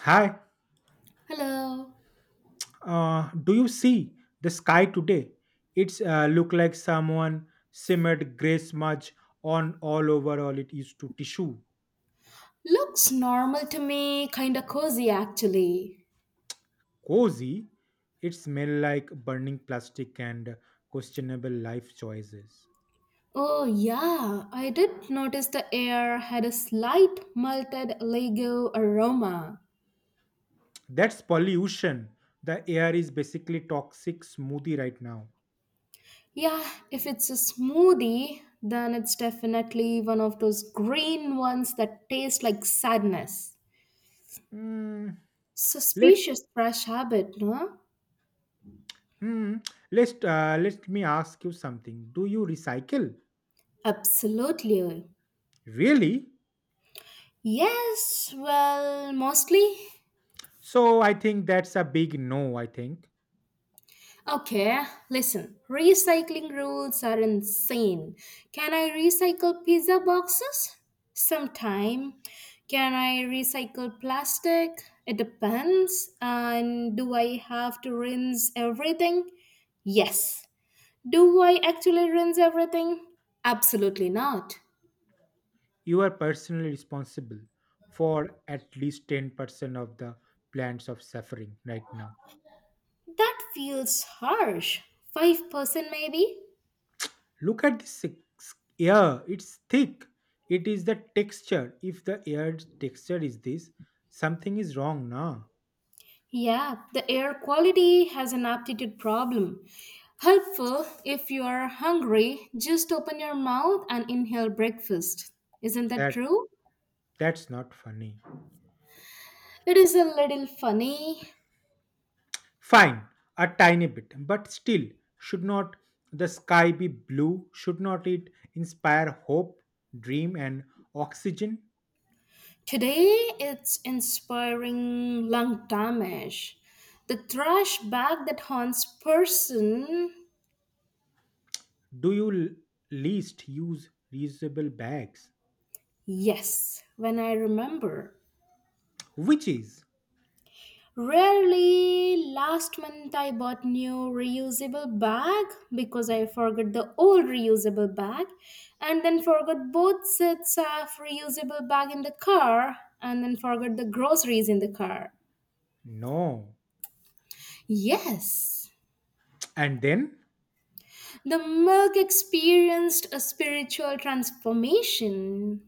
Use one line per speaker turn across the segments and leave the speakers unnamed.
Hi,
Hello.
do you see the sky today? It's look like someone simmered gray smudge on all over all it is to tissue.
Looks normal to me, kinda cozy actually.
Cozy, it smell like burning plastic and questionable life choices.
Oh, yeah, I did notice the air had a slight malted Lego aroma.
That's pollution. The air is basically toxic smoothie right now.
Yeah, if it's a smoothie, then it's definitely one of those green ones that taste like sadness.
Hmm. let
Suspicious trash habit, no?
hmm, let me ask you something. Do you recycle?
Absolutely.
Really?
Yes, well, mostly.
So I think that's a big no. I think.
Okay, listen. Recycling rules are insane. Can I recycle pizza boxes? Sometime. Can I recycle plastic? It depends. And do I have to rinse everything? Yes. Do I actually rinse everything? Absolutely not.
You are personally responsible for at least 10% of the plants of suffering right now.
That feels harsh. 5% maybe?
Look at this air, it's thick. It is the texture. If the air's texture is this, something is wrong now.
Yeah, the air quality has an aptitude problem. Helpful if you are hungry, just open your mouth and inhale breakfast. Isn't that
That
true?
that's not funny.
It is a little funny.
Fine, a tiny bit, but still, should not the sky be blue? Should not it inspire hope, dream, and oxygen?
Today it's inspiring lung damage. The trash bag that haunts person.
Do you least use reusable bags?
Yes, when I remember.
Which is
Rarely, last month I bought new reusable bag because I forgot the old reusable bag and then forgot both sets of reusable bag in the car and then forgot the groceries in the car.
no.
Yes,
And then,
the milk experienced a spiritual transformation.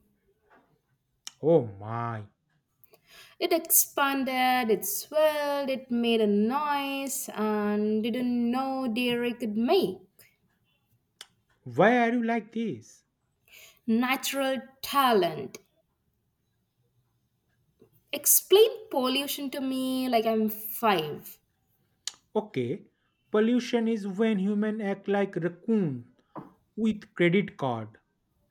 oh my,
It expanded, it swelled, it made a noise and didn't know dairy could make
why are you like this?
natural talent. Explain pollution to me like I'm five.
Okay, pollution is when human act like raccoon with credit card.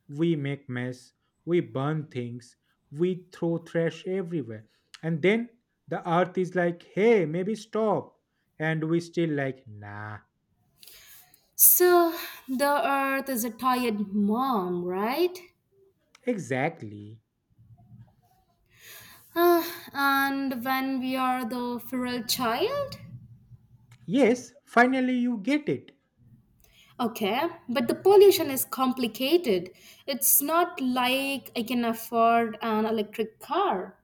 We make mess, we burn things, we throw trash everywhere. And then the earth is like, hey, maybe stop. And we still like, nah.
So, the earth is a tired mom, right?
Exactly.
Uh, and when we are the feral child?
Yes, finally you get it.
Okay, but the pollution is complicated. It's not like I can afford an electric car.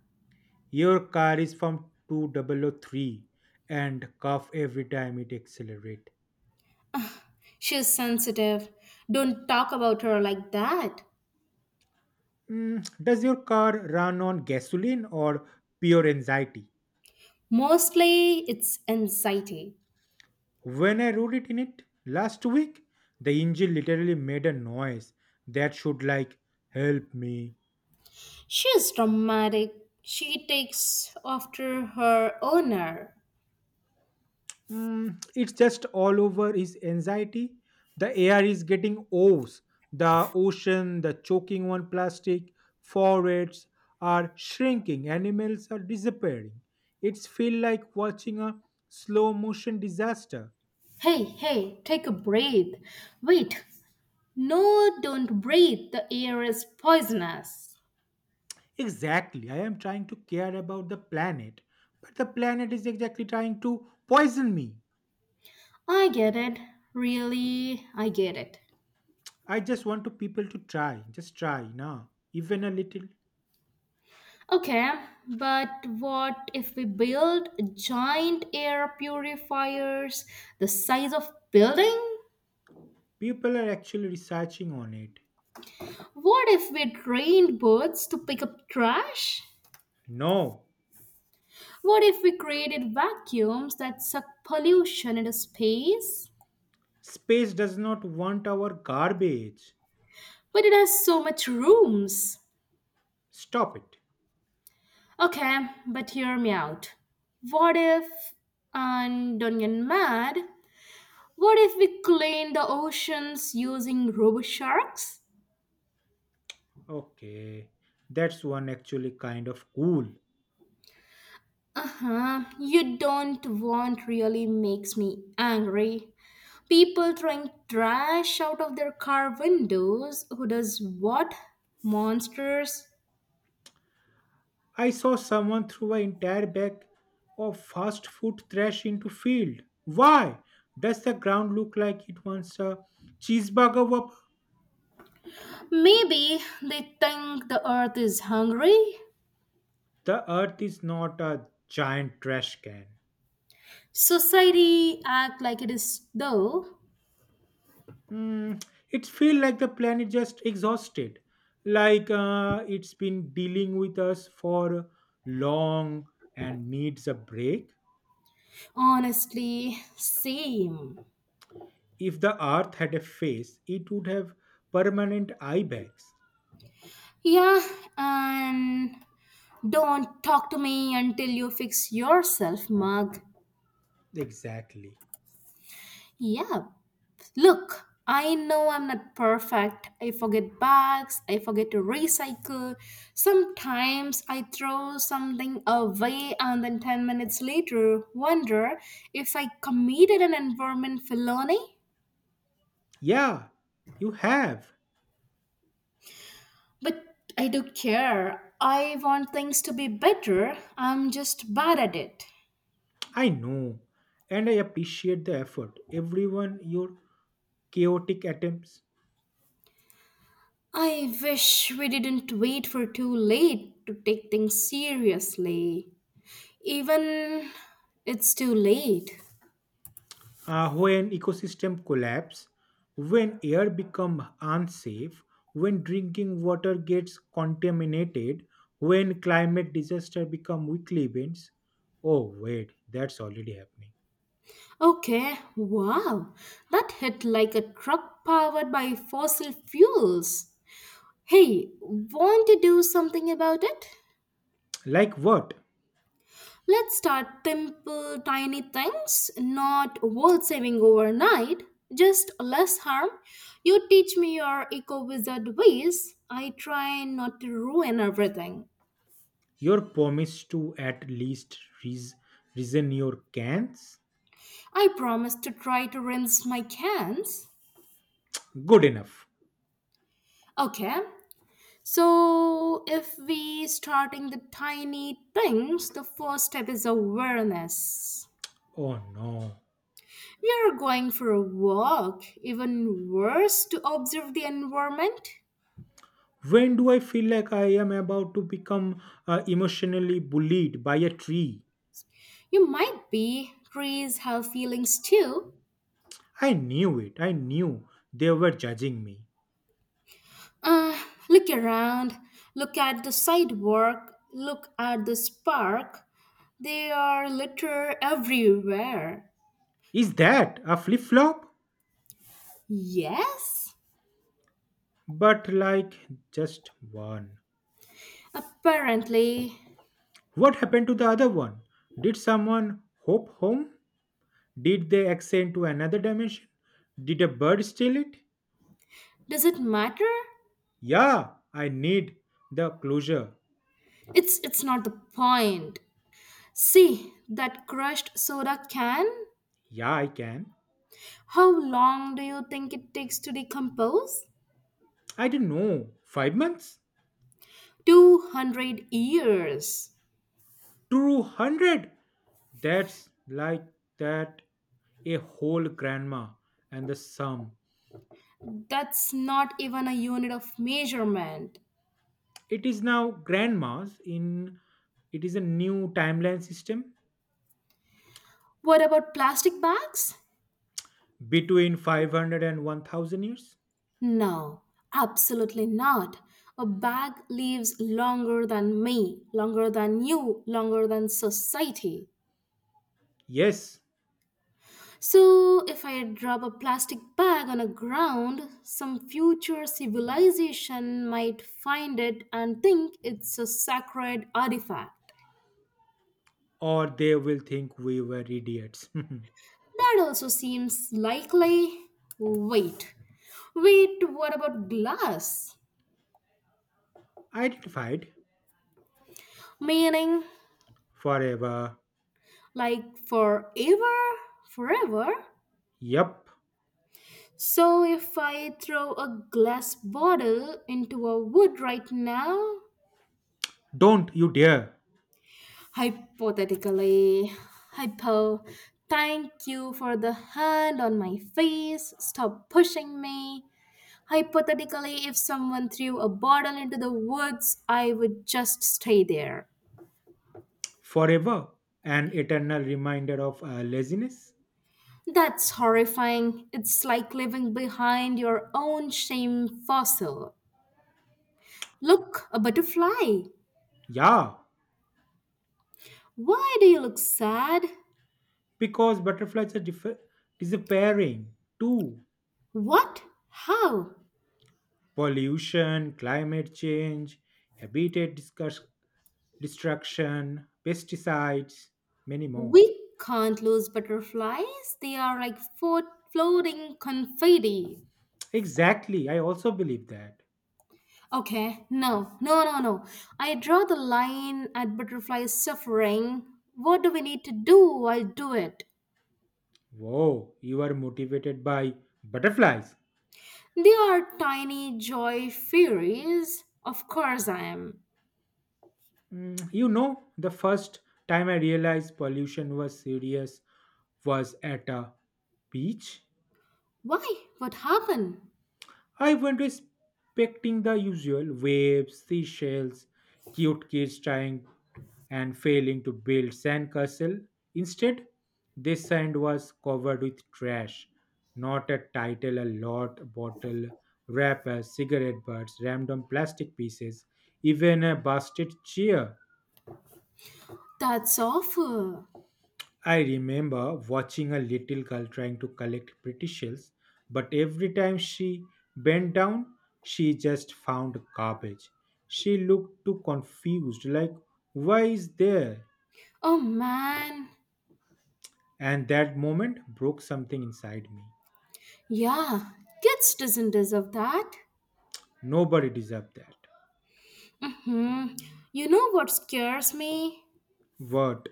Your car is from 2003 and cough every time it accelerates.
She is sensitive. Don't talk about her like that.
Does your car run on gasoline or pure anxiety?
Mostly, it's anxiety.
When I rode it in it last week, the engine literally made a noise that should like help me.
She is dramatic. She takes after her owner.
Mm, it's just all over his anxiety. The air is getting O's. The ocean, the choking on plastic, forests are shrinking, animals are disappearing. It's feel like watching a slow motion disaster.
Hey, hey, take a breath. Wait, no, don't breathe. The air is poisonous.
Exactly, I am trying to care about the planet, but the planet is exactly trying to poison me.
I get it. Really, I get it.
I just want to people to try, just try now, even a little.
Okay, but what if we build giant air purifiers the size of building?
People are actually researching on it.
What if we trained birds to pick up trash?
No.
What if we created vacuums that suck pollution into space?
Space does not want our garbage.
But it has so much rooms.
Stop it.
Okay, but hear me out. What if, and don't get mad, what if we clean the oceans using robo sharks?
Okay, that's one actually kind of cool.
Uh huh. You don't want really makes me angry. People throwing trash out of their car windows. Who does what? Monsters.
I saw someone throw an entire bag of fast food trash into field. Why? Does the ground look like it wants a cheeseburger whopper?
Maybe they think the earth is hungry.
The earth is not a giant trash can.
Society act like it is though.
Mm, it feels like the planet just exhausted, like it's been dealing with us for long and needs a break.
Honestly, same.
If the Earth had a face, it would have permanent eye bags.
Yeah, and don't talk to me until you fix yourself, mug.
Exactly.
Yeah. Look, I know I'm not perfect. I forget bags, I forget to recycle. Sometimes I throw something away and then 10 minutes later wonder if I committed an environment felony.
Yeah, you have.
But I do care. I want things to be better. I'm just bad at it.
I know, and I appreciate the effort. Everyone, your chaotic attempts.
I wish we didn't wait for too late to take things seriously. Even it's too late.
When ecosystem collapse, when air become unsafe, when drinking water gets contaminated, when climate disaster become weekly events, oh wait, that's already happening.
Okay, wow, that hit like a truck powered by fossil fuels. Hey, want to do something about it?
Like what?
Let's start simple, tiny things, not world saving overnight, just less harm. You teach me your eco wizard ways. I try not to ruin everything.
Your promise to at least reas- reason your cans.
I promise to try to rinse my cans.
Good enough.
Okay, so if we starting the tiny things, the first step is awareness.
Oh no.
We are going for a walk, even worse to observe the environment.
When do I feel like I am about to become emotionally bullied by a tree?
You might be, trees have feelings too.
I knew it. I knew they were judging me.
Uh, Look around, look at the sidewalk, look at this park. They are litter everywhere.
Is that a flip flop?
Yes?
But like just one.
Apparently.
What happened to the other one? Did someone hop home? Did they ascend to another dimension? Did a bird steal it?
Does it matter?
Yeah, I need the closure.
It's not the point. See that crushed soda can?
Yeah, I can.
How long do you think it takes to decompose?
I don't know. 5 months?
200 years.
200? That's like that, a whole grandma and the sum.
That's not even a unit of measurement.
It is now grandmas in, it is a new timeline system.
What about plastic bags?
Between five hundred and one thousand years.
No, absolutely not. A bag lives longer than me, longer than you, longer than society.
Yes,
So, if I drop a plastic bag on a ground, some future civilization might find it and think it's a sacred artifact.
or they will think we were idiots.
That also seems likely. Wait, wait, what about glass?
Identified
Meaning,
forever.
like forever? Forever?
Yup.
So, if I throw a glass bottle into a wood right now,
Don't you dare.
hypothetically, hypo. Thank you for the hand on my face. Stop pushing me. Hypothetically, if someone threw a bottle into the woods, I would just stay there.
Forever. An eternal reminder of laziness.
That's horrifying. It's like living behind your own shame fossil. Look, a butterfly.
Yeah,
Why do you look sad?
because butterflies are disappearing too.
What? How?
Pollution, climate change, habitat destruction, pesticides, many more.
We can't lose butterflies. They are like floating confetti.
Exactly, I also believe that.
Okay, no, no, no, no. I draw the line at butterflies suffering. What do we need to do? I'll do it.
Whoa, you are motivated by butterflies.
They are tiny joy fairies. Of course I am.
Mm, you know, the first time I realized pollution was serious was at a beach.
Why? What happened?
I went expecting the usual waves, seashells, cute kids trying and failing to build sandcastle. Instead, this sand was covered with trash. Not a title, a lot, bottle, wrapper, cigarette butts, random plastic pieces, even a busted chair.
That's awful.
I remember watching a little girl trying to collect pretty shells, but every time she bent down, she just found garbage. She looked too confused, like, why is there?
Oh man.
And that moment broke something inside me.
Yeah, kids doesn't deserve that.
Nobody deserved that.
Mm-hmm. You know what scares me?
What?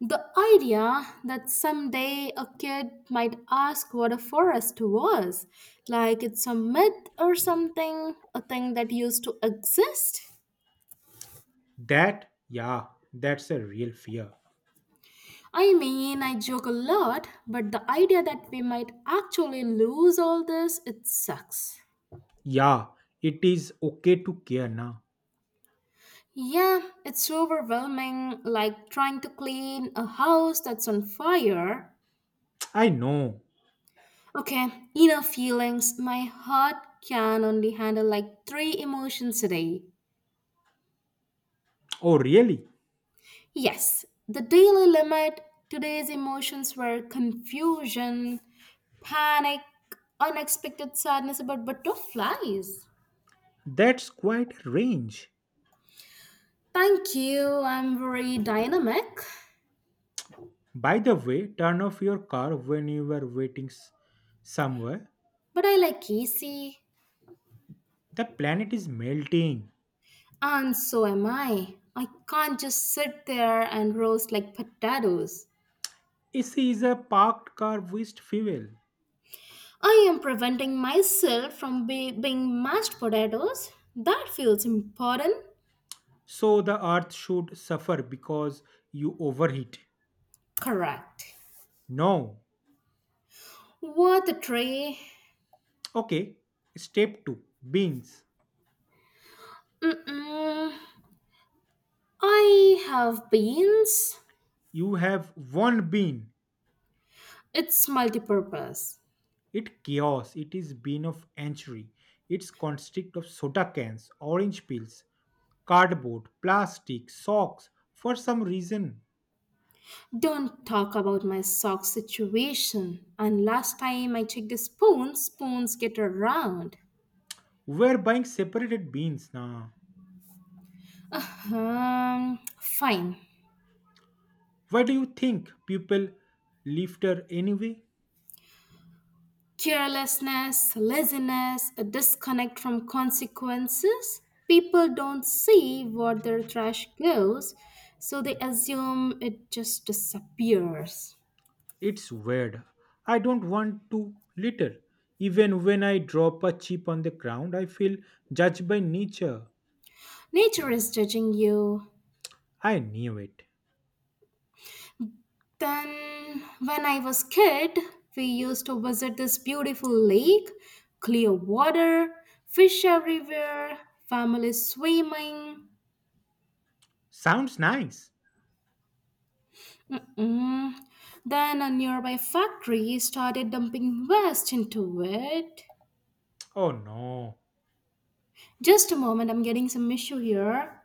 The idea that someday a kid might ask what a forest was, like it's a myth or something, a thing that used to exist.
That? Yeah, that's a real fear.
I mean, I joke a lot, but the idea that we might actually lose all this, it sucks.
Yeah, it is okay to care now.
Yeah, it's overwhelming, like trying to clean a house that's on fire.
I know.
Okay, enough feelings. My heart can only handle like three emotions a day.
Oh, really?
Yes, the daily limit, today's emotions were confusion, panic, unexpected sadness about butterflies.
That's quite a range.
Thank you, I'm very dynamic,
By the way, turn off your car when you are waiting somewhere.
but I like easy.
The planet is melting.
And so am I. I can't just sit there and roast like potatoes.
This is a parked car waste fuel.
I am preventing myself from being mashed potatoes. That feels important.
So the earth should suffer because you overheat.
Correct.
No.
What a tray.
Okay. Step 2. Beans.
Mm-mm. I have beans.
You have one bean.
It's multi-purpose.
It chaos. It is bean of entry. It's consist of soda cans, orange peels, cardboard, plastic, socks. For some reason,
Don't talk about my sock situation. And last time I checked the spoons, spoons get around.
we're buying separated beans now.
Fine.
Why do you think people litter anyway?
Carelessness, laziness, a disconnect from consequences. People don't see where their trash goes, so they assume it just disappears.
It's weird. I don't want to litter. Even when I drop a chip on the ground, I feel judged by nature.
Nature is judging you.
I knew it.
Then, when I was kid, we used to visit this beautiful lake, clear water, fish everywhere, families swimming.
Sounds nice.
Mm-mm. Then a nearby factory started dumping waste into it.
Oh no.
Just a moment, I'm getting some issue here.